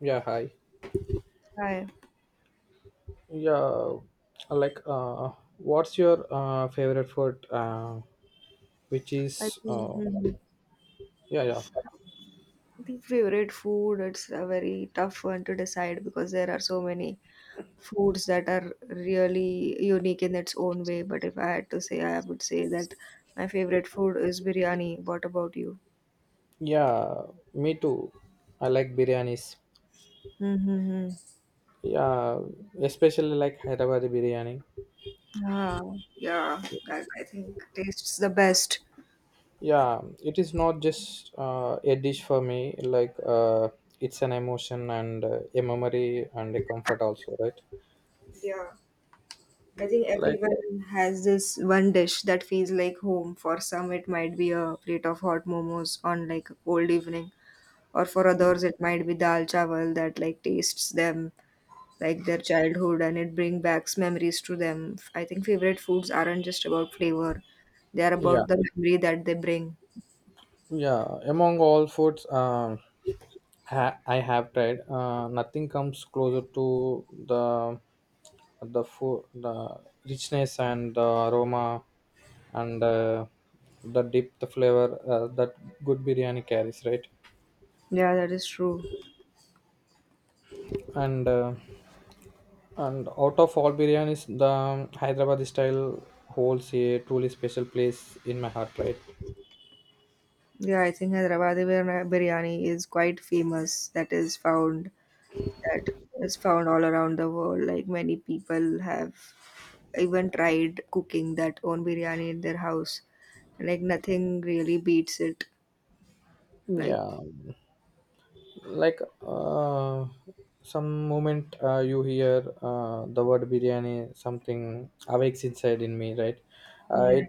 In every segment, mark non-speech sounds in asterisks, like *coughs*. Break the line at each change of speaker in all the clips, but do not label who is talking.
Yeah, hi.
Hi.
Yeah, uh, like, uh, what's your favorite food? which
I
is,
think
uh,
mhm.
yeah, yeah,
I think favorite food, it's a very tough one to decide because there are so many foods that are really unique in its own way. But if I had to say, I would say that my favorite food is biryani. What about you?
yeah. Me too. I like biryanis.
Mm-hmm.
Yeah, especially like Hyderabadi biryani.
Ah, yeah, that I think tastes the best.
Yeah, it is not just a dish for me. It's an emotion and a memory and a comfort also, right?
Yeah, I think
Like,
everyone has this one dish that feels like home. For some, it might be a plate of hot momos on like a cold evening, or for others it might be dal chawal that like tastes them like their childhood, and it brings back memories to them. I think favorite foods aren't just about flavor, they are about
yeah,
the memory that they bring.
yeah. Among all foods I have tried. Nothing comes closer to the food, the richness and the aroma, and the dip, the flavor that good biryani carries, right?
Yeah, that is true.
And uh, and out of all biryanis, the Hyderabad style holds a truly special place in my heart, right?
Yeah, I think Hyderabadi biryani is quite famous, that is found all around the world. Like many people have even tried cooking that own biryani in their house, like nothing really beats it, like
Yeah, like uh, some moment you hear the word biryani, something awakes inside in me, right? uh,
yeah.
it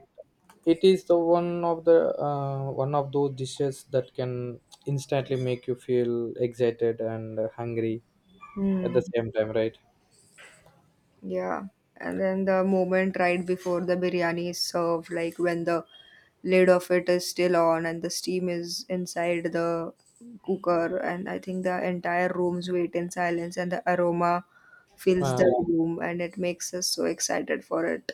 it is the one of those dishes that can instantly make you feel excited and hungry at
Hmm.
the same time, right?
Yeah, and then the moment right before the biryani is served, like when the lid of it is still on and the steam is inside the cooker, and I think the entire rooms wait in silence, and the aroma fills the
uh,
room, and it makes us so excited for it.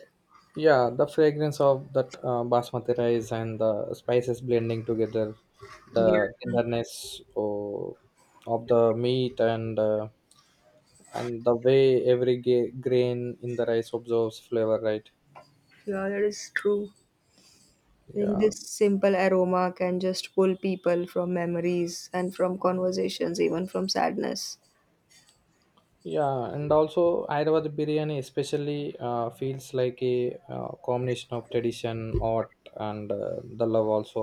yeah, the fragrance of that basmati rice and the spices blending together, the
Yeah,
tenderness of the meat and the way every grain in the rice absorbs flavor, right?
yeah, that is true. I think
yeah
this simple aroma can just pull people from memories and from conversations, even from sadness.
yeah, and also Hyderabad biryani especially feels like a combination of tradition, art and the love also.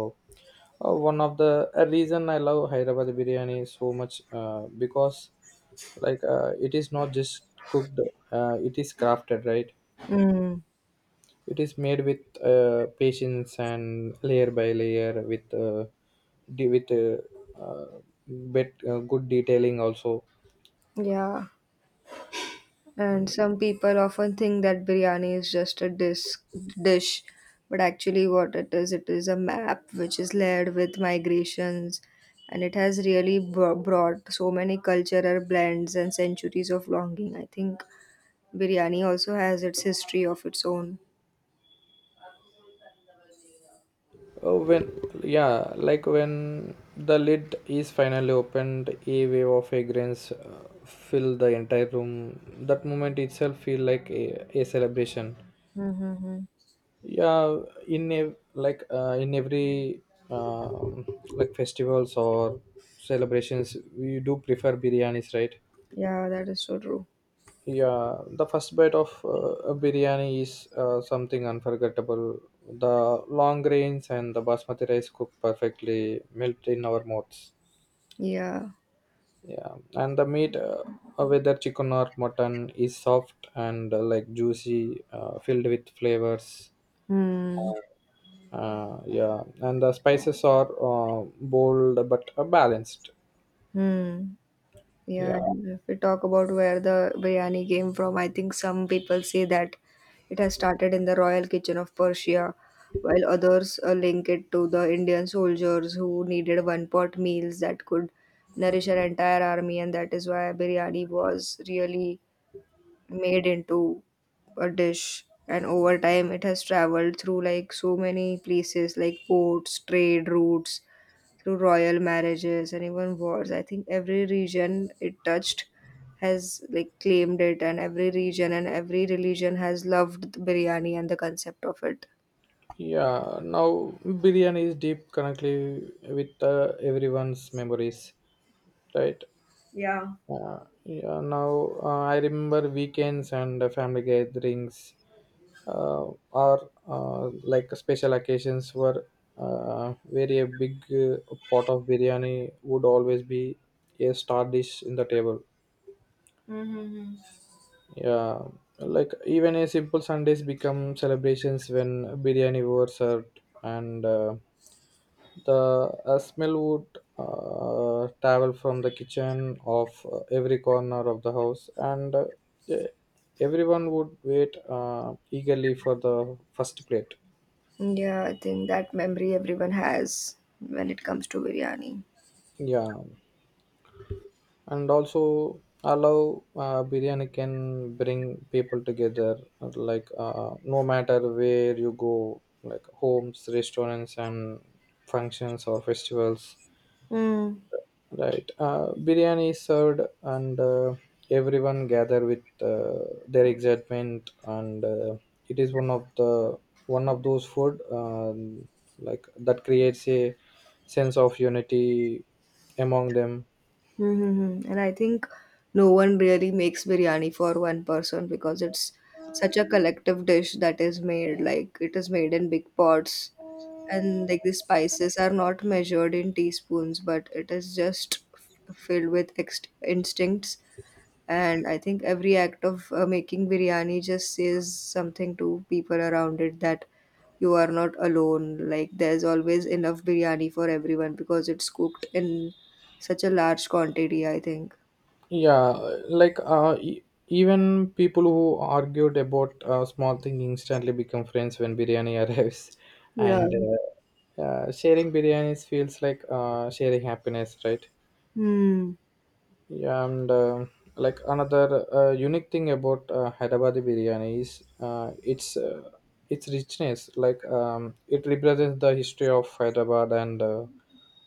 One of the a reason I love Hyderabad biryani so much, because it is not just cooked, it is crafted, right?
Mm,
It is made with patience and layer by layer with de- with uh, uh, bit good detailing also.
yeah. And some people often think that biryani is just a dish, but actually, what it is a map which is layered with migrations, and it has really brought so many cultural blends and centuries of longing. I think biryani also has its history of its own.
Oh, when Yeah, like when the lid is finally opened, a wave of fragrance fill the entire room. That moment itself feel like a celebration.
Mm-hmm.
Yeah, in every um like festivals or celebrations, we do prefer biryanis, right?
Yeah, that is so true.
Yeah, the first bite of a biryani is something unforgettable. The long grains and the basmati rice cooked perfectly, melt in our mouths.
Yeah.
Yeah, and the meat, whether chicken or mutton, is soft and like juicy, filled with flavors.
Hmm.
Yeah, and the spices are bold but balanced.
Hmm. Yeah,
Yeah.
and if we talk about where the biryani came from, I think some people say that it has started in the royal kitchen of Persia, while others link it to the Indian soldiers who needed one pot meals that could nourish an entire army, and that is why biryani was really made into a dish. And over time, it has traveled through like so many places like ports, trade routes, through royal marriages and even wars. I think every region it touched has like claimed it, and every region and every religion has loved the biryani and the concept of it.
Yeah, now biryani is deep currently with everyone's memories, right?
Yeah.
Yeah, now I remember weekends and family gatherings uh, or like special occasions were where a big pot of biryani would always be a star dish in the table.
Mm.
Yeah, like even a simple Sundays become celebrations when biryani were served, and the smell would travel from the kitchen of every corner of the house, and e- everyone would wait eagerly for the first plate.
Yeah, I think that memory everyone has when it comes to biryani.
Yeah, and also allow biryani can bring people together, like no matter where you go, like homes, restaurants, and functions or festivals.
Mm.
Right. Biryani is served, and everyone gather with their excitement, and it is one of those food like that creates a sense of unity among them.
Mm-hmm. And I think no one really makes biryani for one person, because it's such a collective dish that is made, like it is made in big pots, and like the spices are not measured in teaspoons, but it is just filled with instincts. And I think every act of making biryani just says something to people around it, that you are not alone, like there's always enough biryani for everyone because it's cooked in such a large quantity, I think.
Yeah, like even people who argued about small thing instantly become friends when biryani *laughs* arrives,
Yeah.
and sharing biryanis feels like sharing happiness, right?
Hmm.
Yeah, and like another unique thing about Hyderabadi biryani is its richness. Like it represents the history of Hyderabad and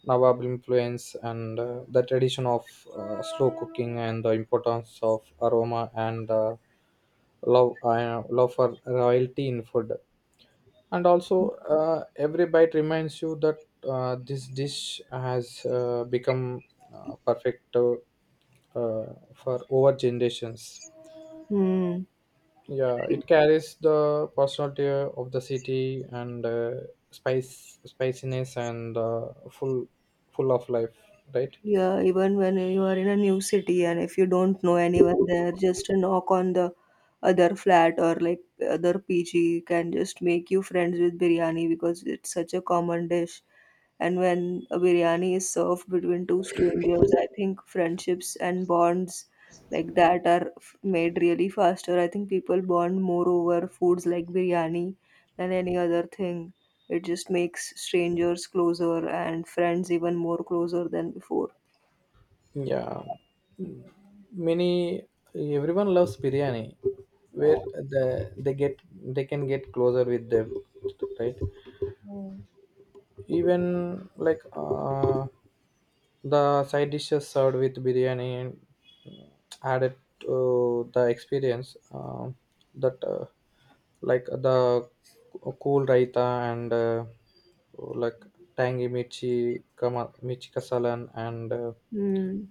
Nawab influence and the tradition of slow cooking and the importance of aroma and love for royalty in food, and also every bite reminds you that this dish has become perfect for over generations.
Hmm.
Yeah, it carries the personality of the city and spice spiciness and full of life, right?
Yeah, even when you are in a new city and if you don't know anyone there, just a knock on the other flat or like other PG can just make you friends with biryani because it's such a common dish. And when a biryani is served between two strangers, I think friendships and bonds like that are made really faster. I think people bond more over foods like biryani than any other thing. It just makes strangers closer and friends even more closer than before.
yeah Many, everyone loves biryani where the, they get they can get closer with them, right? Even the side dishes served with biryani and added to the experience, that like the cool raita and like tangy mirchi kasalan and
Mm.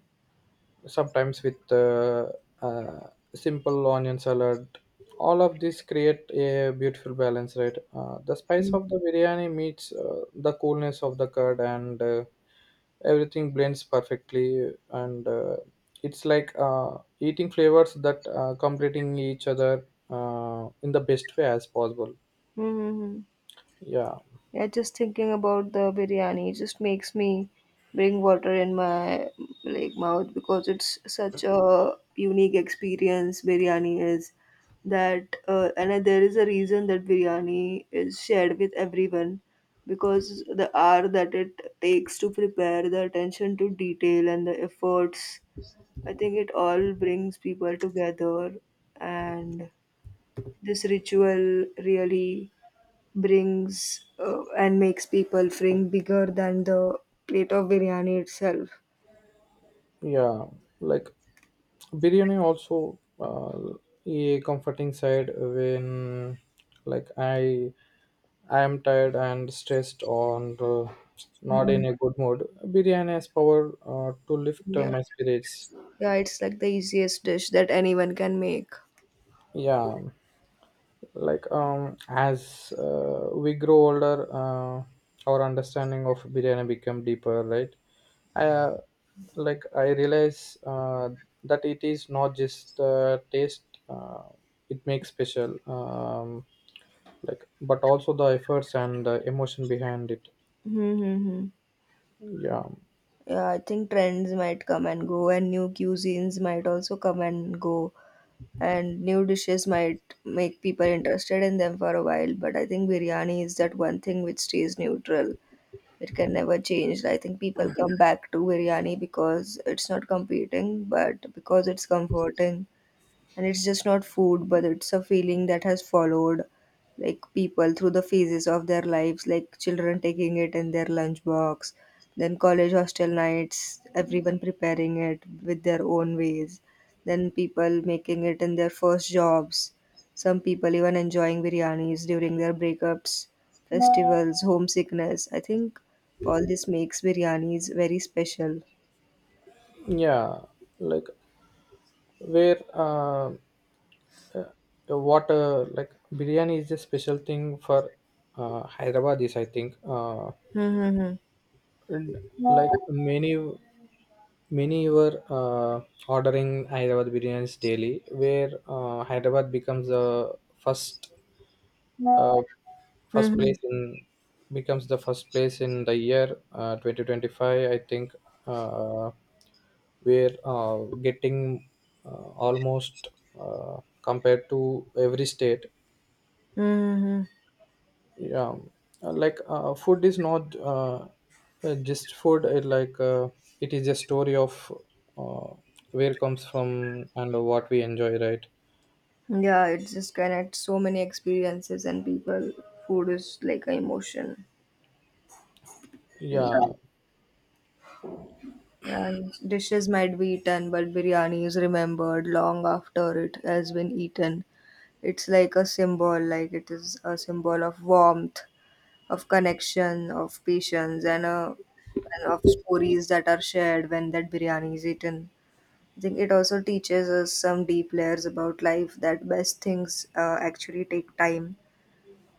sometimes with uh, simple onion salad, all of this create a beautiful balance, right? The spice of the biryani meets the coolness of the curd and everything blends perfectly, and it's like eating flavors that completing each other in the best way as possible.
Mm-hmm.
yeah
Yeah, just thinking about the biryani just makes me bring water in my like mouth, because it's such a unique experience biryani is, that and there is a reason that biryani is shared with everyone, because the hour that it takes to prepare, the attention to detail and the efforts, I think it all brings people together, and this ritual really brings and makes people think bigger than the plate of biryani itself.
yeah, like biryani also a comforting side when like i I am tired and stressed on, not
Hmm.
in a good mood. Biryani has power to lift
Yeah,
my spirits.
yeah, it's like the easiest dish that anyone can make.
Yeah, like as we grow older, our understanding of biryani become deeper, right? I Like I realize that it is not just the taste it makes special, like, but also the efforts and the emotion behind it.
Mm-hmm.
yeah
Yeah, I think trends might come and go, and new cuisines might also come and go, and new dishes might make people interested in them for a while. But I think biryani is that one thing which stays neutral. It can never change. I think people come back to biryani because it's not competing, but because it's comforting, and it's just not food but it's a feeling that has followed like people through the phases of their lives, like children taking it in their lunchbox, then college hostel nights everyone preparing it with their own ways, then people making it in their first jobs, some people even enjoying biryanis during their breakups, festivals, homesickness. I think all this makes biryanis very special.
yeah like where uh, what like biryani is a special thing for Hyderabad is I think.
Mm-hmm.
And like many were ordering Hyderabad biryanis daily, where Hyderabad becomes the first uh,
Mm-hmm.
first place in becomes the first place in the year 2025. I think uh, we're getting uh, almost, compared to every state.
Mm-hmm.
yeah food is not just food, it it is a story of uh, where it comes from and what we enjoy, right?
Yeah, it just connects so many experiences and people. Food is like an emotion. It-
yeah
Yeah. Yeah, and dishes might be eaten, but biryani is remembered long after it has been eaten. It's like a symbol, like it is a symbol of warmth, of connection, of patience, and, uh, and of stories that are shared when that biryani is eaten. I think it also teaches us some deep layers about life that best things actually take time,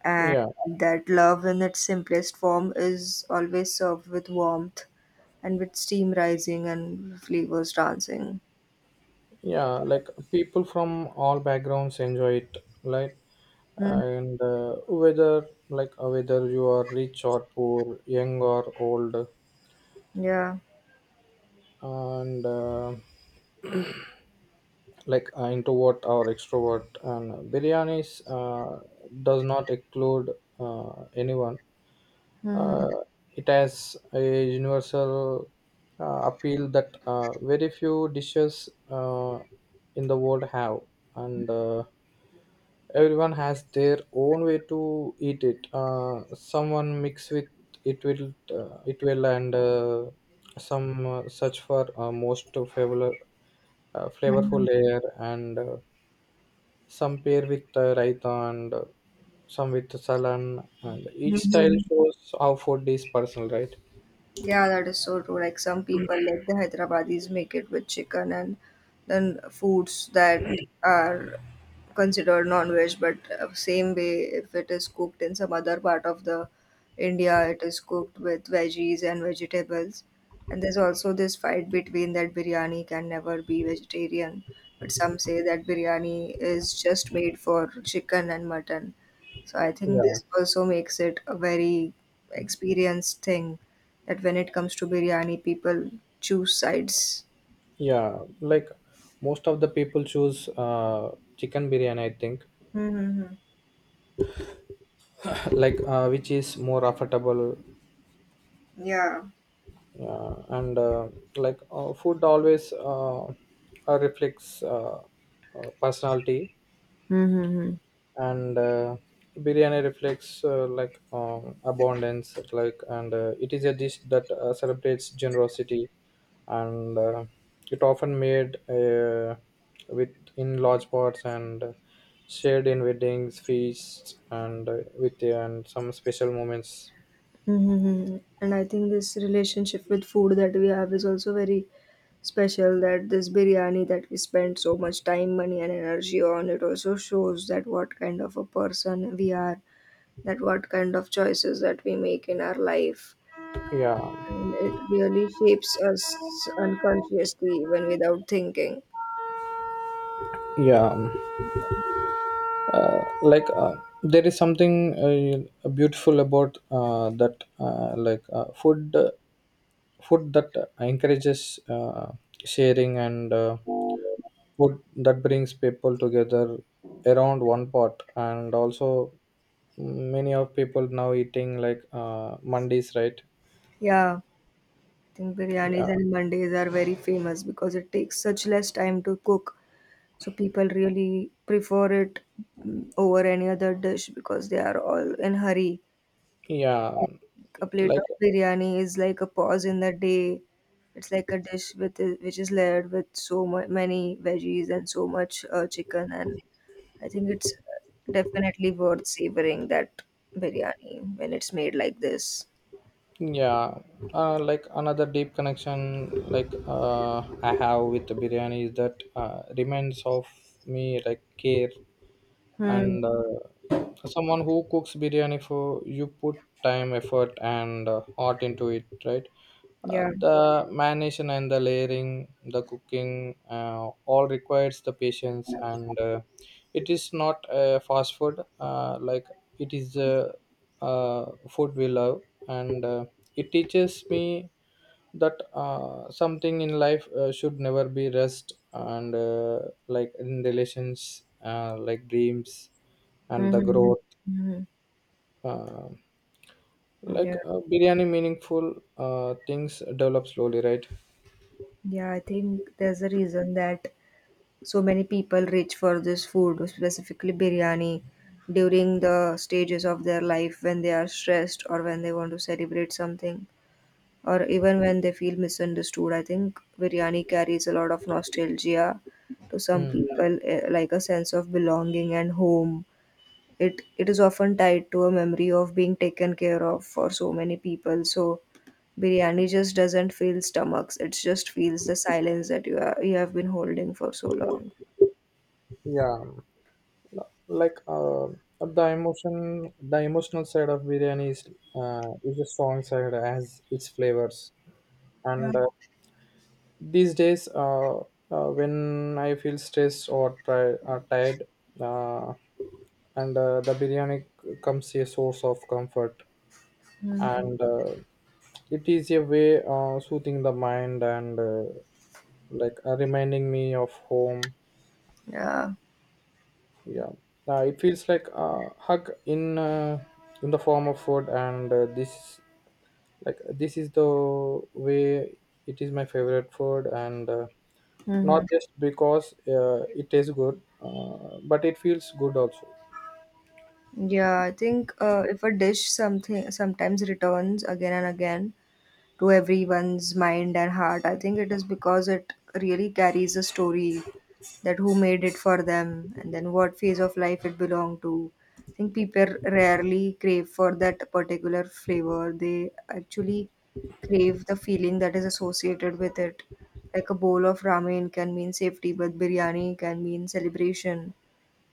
and
yeah
that love in its simplest form is always served with warmth, and with steam rising and flavors dancing.
yeah, like people from all backgrounds enjoy it, right?
Mm,
And whether whether you are rich or poor, young or old,
yeah.
and introvert or extrovert, and biryanis does not exclude anyone.
Hmm.
uh, it has a universal appeal that very few dishes in the world have, and everyone has their own way to eat it. Someone mix with it will it will and some search for flavorful layer and some pair with raita and some with salan, and
Hmm.
each style
Hmm.
shows how food is personal, right?
Yeah, that is so true. Like some people, like the Hyderabadis, make it with chicken and then foods that are considered non-veg. But same way, if it is cooked in some other part of the India, it is cooked with veggies and vegetables. And there's also this fight between that biryani can never be vegetarian, but some say that biryani is just made for chicken and mutton. So I think
yeah
this also makes it a very experienced thing, that when it comes to biryani, people choose sides.
yeah, like most of the people choose chicken biryani, I think,
Mm-hmm.
*laughs* *coughs* which is more affordable.
Yeah.
Yeah, and food always reflects personality,
Mm-hmm.
and biryani reflects abundance. Like and It is a dish that celebrates generosity, and it often made with in large pots and shared in weddings, feasts and with and some special moments.
Mm-hmm. And I think this relationship with food that we have is also very special. That this biryani that we spend so much time, money, and energy on, it also shows that what kind of a person we are, that what kind of choices that we make in our life.
yeah
And it really shapes us unconsciously, even without thinking.
yeah uh, like uh, there is something beautiful about that like food that encourages sharing and food that brings people together around one pot, and also many of people now eating like mondays, right?
Yeah. I think biryanis
yeah
and mandis are very famous because it takes such less time to cook. So people really prefer it, mm, over any other dish because they are all in hurry.
yeah
A plate of
like
biryani is like a pause in the day. It's like a dish with which is layered with so many veggies and so much chicken, and I think it's definitely worth savoring that biryani when it's made like this.
Yeah, like another deep connection I have with the biryani is that reminds of me like care,
Hmm.
and someone who cooks biryani for you put time, effort, and heart into it, right?
Yeah.
The marination and the layering, the cooking, all requires the patience, and it is not a fast food. It is. Food we love, and it teaches me that something in life should never be rest, and in relations like dreams and the
Mm-hmm.
growth.
Mm-hmm.
uh,
Mm-hmm. Yeah.
Biryani meaningful, things develop slowly, right?
Yeah, I think there's a reason that so many people reach for this food, specifically biryani, during the stages of their life when they are stressed or when they want to celebrate something or even when they feel misunderstood. I think biryani carries a lot of nostalgia to some
Mm.
people, like a sense of belonging and home. It is often tied to a memory of being taken care of for so many people. So biryani just doesn't fill stomachs. It just feels the silence that you have been holding for so long.
yeah like the emotional side of biryani is a strong side as its flavors, and these days, when I feel stressed or tired, uh, and the biryani comes a source of comfort,
Hmm.
and it is a way soothing the mind and reminding me of home.
Yeah.
Yeah, it feels like a hug in the form of food, and this is the way it is my favorite food and,
Hmm.
not just because it tastes good but it feels good also.
Yeah, I think if a dish something sometimes returns again and again to everyone's mind and heart, I think it is because it really carries a story, that who made it for them and then what phase of life it belonged to. I think people rarely crave for that particular flavor. They actually crave the feeling that is associated with it. Like a bowl of ramen can mean safety, but biryani can mean celebration.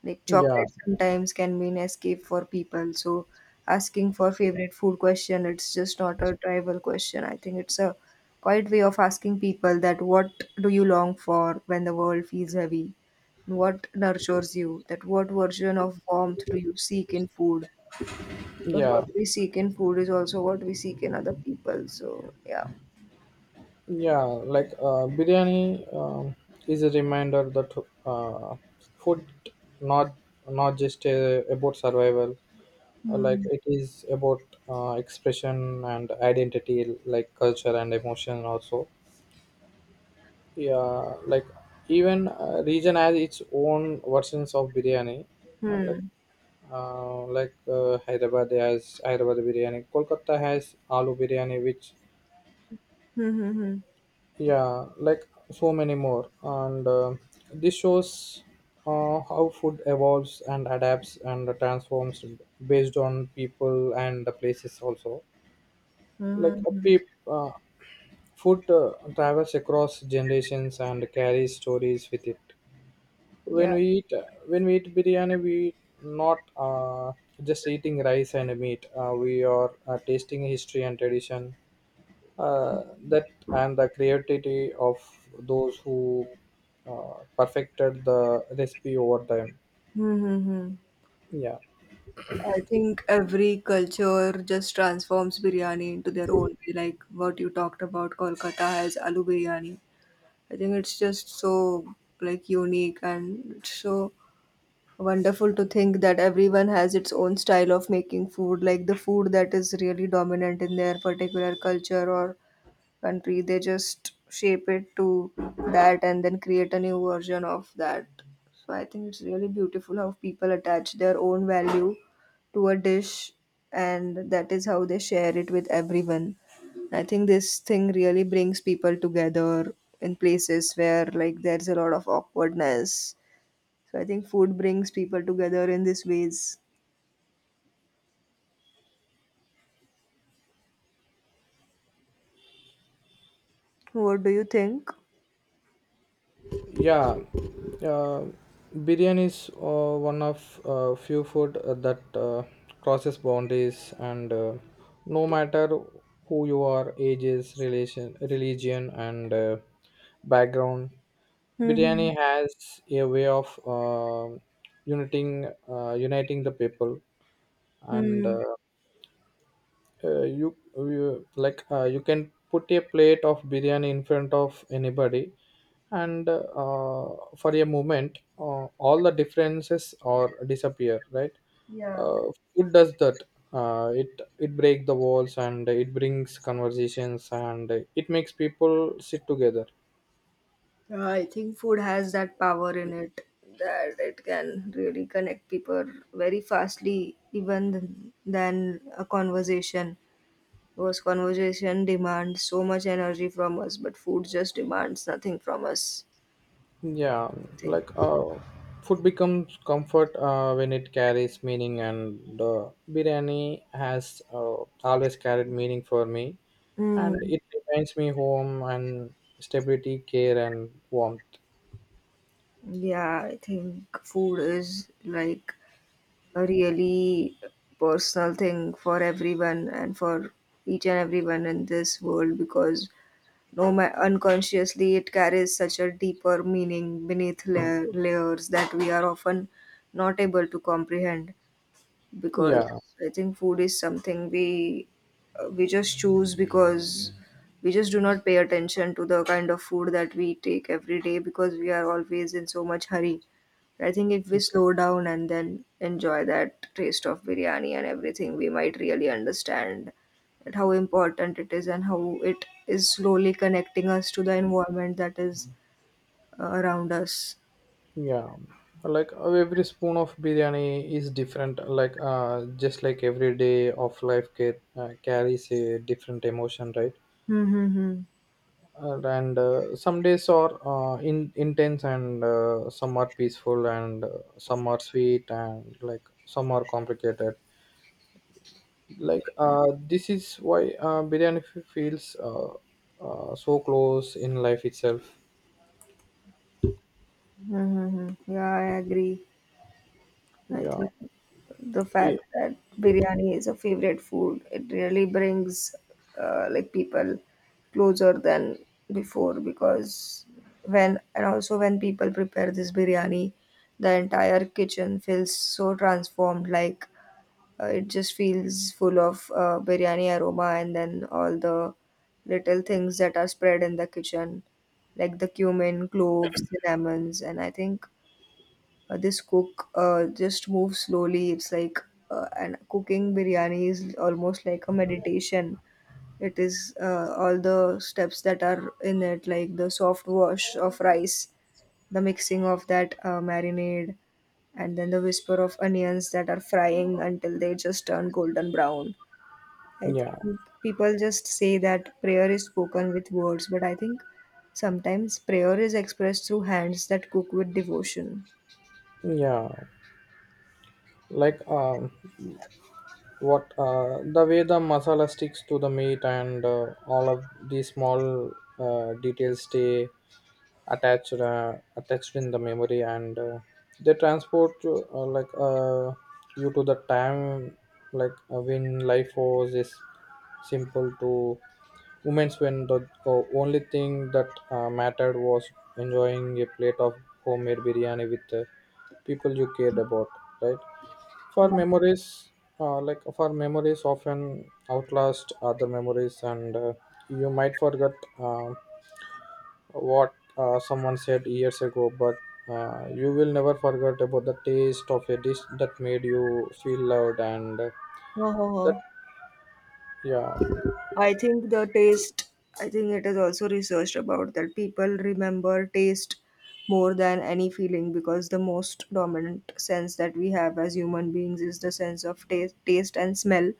Like
yeah
chocolate sometimes can be an escape for people. So asking for favorite food question, it's just not a trivial question. I think it's a quiet way of asking people that what do you long for when the world feels heavy? What nurtures you? That what version of warmth do you seek in food? Because what
yeah
we seek in food is also what we seek in other people. So yeah.
yeah, like biryani, is a reminder that uh, food not not just about survival. It is about expression and identity, like culture and emotion also. yeah like even region has its own versions of biryani. Uh, like
Hmm.
Hyderabad has Hyderabad biryani, Kolkata has aloo biryani, which,
Hmm. Hmm.
yeah, like so many more, and this shows how food evolves and adapts and transforms based on people and the places also.
Hmm. Hmm.
Like a
Hmm, hmm.
peep, food travels across generations and carries stories with it.
Yeah.
when we eat when we eat biryani, we not just eating rice and meat, we are tasting history and tradition, that and the creativity of those who perfected the recipe over time.
Hmm. Hmm. Hmm.
yeah
I think every culture just transforms biryani into their own way, like what you talked about. Kolkata has aloo biryani. I think it's just so like unique and it's so wonderful to think that everyone has its own style of making food, like the food that is really dominant in their particular culture or country. They just shape it to that and then create a new version of that. So I think it's really beautiful how people attach their own value to a dish, and that is how they share it with everyone. I think this thing really brings people together in places where like there's a lot of awkwardness. So I think food brings people together in these ways. What do you think?
Yeah, uh, biryani is one of few food that crosses boundaries, and no matter who you are, ages, relation, religion, and background,
Hmm.
biryani has a way of uniting the people, and
Hmm.
you you can put a plate of biryani in front of anybody, and for a moment all the differences or disappear, right?
Yeah.
uh, Food does that, it breaks the walls and it brings conversations and it makes people sit together.
Yeah, I think food has that power in it that it can really connect people very fastly, even than a conversation. Because conversation demands so much energy from us, but food just demands nothing from us.
yeah
I think.
like uh, Food becomes comfort when it carries meaning, and biryani has always carried meaning for me, and
Mm,
it reminds me home and stability, care and warmth.
yeah, I think food is like a really personal thing for everyone and for each and everyone in this world, because no ma- unconsciously it carries such a deeper meaning beneath layers that we are often not able to comprehend. Because
Yeah
I think food is something we just choose because we just do not pay attention to the kind of food that we take every day, because we are always in so much hurry. I think if we slow down and then enjoy that taste of biryani and everything, we might really understand that how important it is and how it is slowly connecting us to the environment that is around us.
yeah like every spoon of biryani is different, like just like every day of life get, carries a different emotion, right?
Mm-hmm.
And some days are in intense and some are peaceful and some are sweet and like some are complicated. This is why feels so close in life itself.
Mm-hmm. Yeah, I agree. I
yeah
think the fact
I-
that biryani is a favorite food, it really brings like people closer than before, because when, and also when people prepare this biryani, the entire kitchen feels so transformed, like it just feels full of biryani aroma, and then all the little things that are spread in the kitchen like the cumin, cloves, cinnamons. And I think this cook just moves slowly. It's like And cooking biryani is almost like a meditation. It is all the steps that are in it, like the soft wash of rice, the mixing of that marinade, and then the whisper of onions that are frying until they just turn golden brown. I
yeah
think people just say that prayer is spoken with words, but I think sometimes prayer is expressed through hands that cook with devotion.
yeah like um what the way the masala sticks to the meat, and all of these small details stay attached in the memory, and they transport you, you, to the time when life was is simple to moments when the only thing that mattered was enjoying a plate of homemade biryani with the people you cared about, right? For
Yeah.
memories, for memories often outlast other memories, and you might forget uh, what someone said years ago, but you will never forget about the taste of a dish that made you feel loved, and
Ho, ho, ho.
that yeah
I think the taste, I think it is also researched about that people remember taste more than any feeling, because the most dominant sense that we have as human beings is the sense of taste, taste and smell.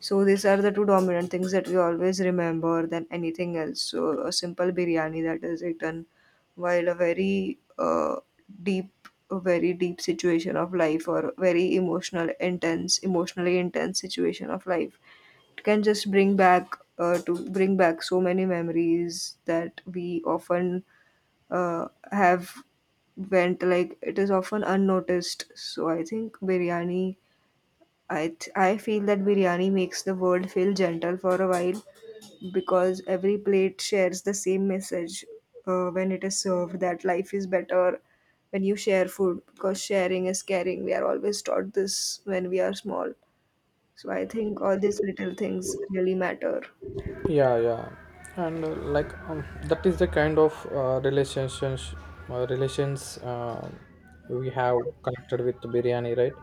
So these are the two dominant things that we always remember than anything else. So a simple biryani that is eaten while a very deep, a very deep situation of life, or very emotional, intense, emotionally intense situation of life, it can just bring back to bring back so many memories that we often have went, like it is often unnoticed. So I think biryani, I feel that biryani makes the world feel gentle for a while, because every plate shares the same message when it is served, that life is better when you share food, because sharing is caring, we are always taught this when we are small. So I think all these little things really matter.
yeah yeah and like that is the kind of relations we have connected with biryani, right?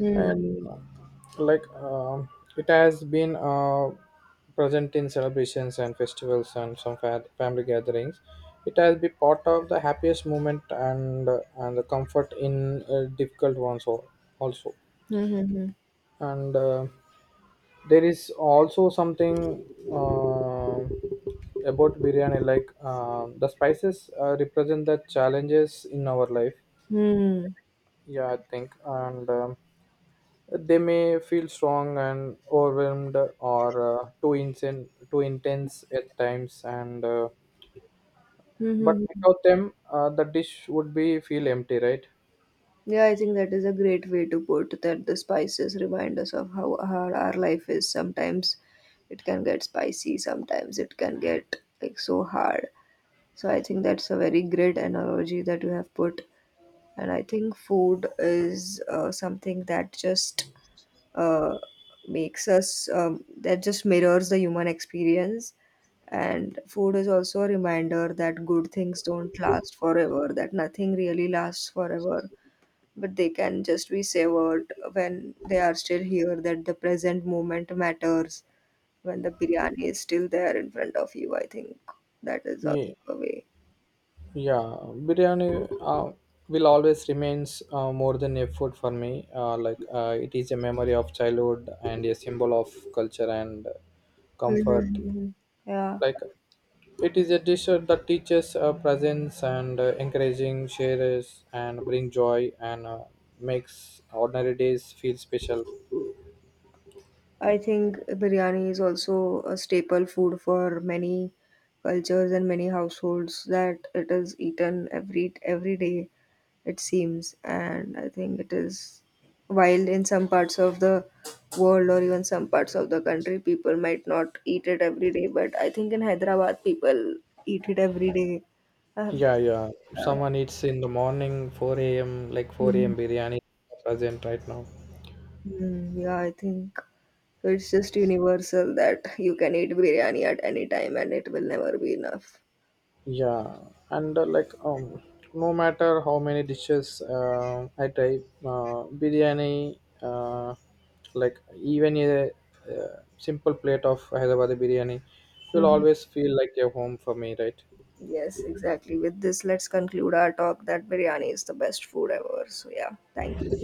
Mm.
And like um it has been present in celebrations and festivals and some family gatherings, it has been part of the happiest moment and the comfort in difficult ones also,
Hmm, hmm, hmm.
and there is also something um about biryani, like the spices represent the challenges in our life.
Hmm.
Yeah I think, and they may feel strong and overwhelmed or too intense at times, and
Hmm,
but
hmm, hmm.
without them the dish would be feel empty, right?
Yeah, I think that is a great way to put that, the spices remind us of how hard our life is. Sometimes it can get spicy, sometimes it can get like so hard. So I think that's a very great analogy that you have put. And I think food is something that just uh, makes us that just mirrors the human experience. And food is also a reminder that good things don't last forever, that nothing really lasts forever, but they can just be savored when they are still here, that the present moment matters. When the biryani is still there in front of you, I think that is also
yeah,
a way.
Yeah, biryani will always remains more than a food for me. It is a memory of childhood and a symbol of culture and
Mhm,
comfort.
mhm. Yeah,
Like it is a dish that teaches presence and encouraging shares and bring joy, and makes ordinary days feel special.
I think biryani is also a staple food for many cultures and many households, that it is eaten every day, it seems. And I think it is, while in some parts of the world or even some parts of the country people might not eat it every day, but I think in Hyderabad people eat it every day. I have
Yeah, yeah.
uh,
Someone eats in the morning, 4 a.m., like 4
Mhm.
a.m. biryani present right now.
Mm, yeah, I think it's just universal that you can eat biryani at any time and it will never be enough.
Yeah, and no matter how many dishes I try, like even a simple plate of Hyderabad biryani, will
Mhm.
always feel like a home for me, right?
Yes, exactly. With this, let's conclude our talk that biryani is the best food ever. So, yeah, thank you.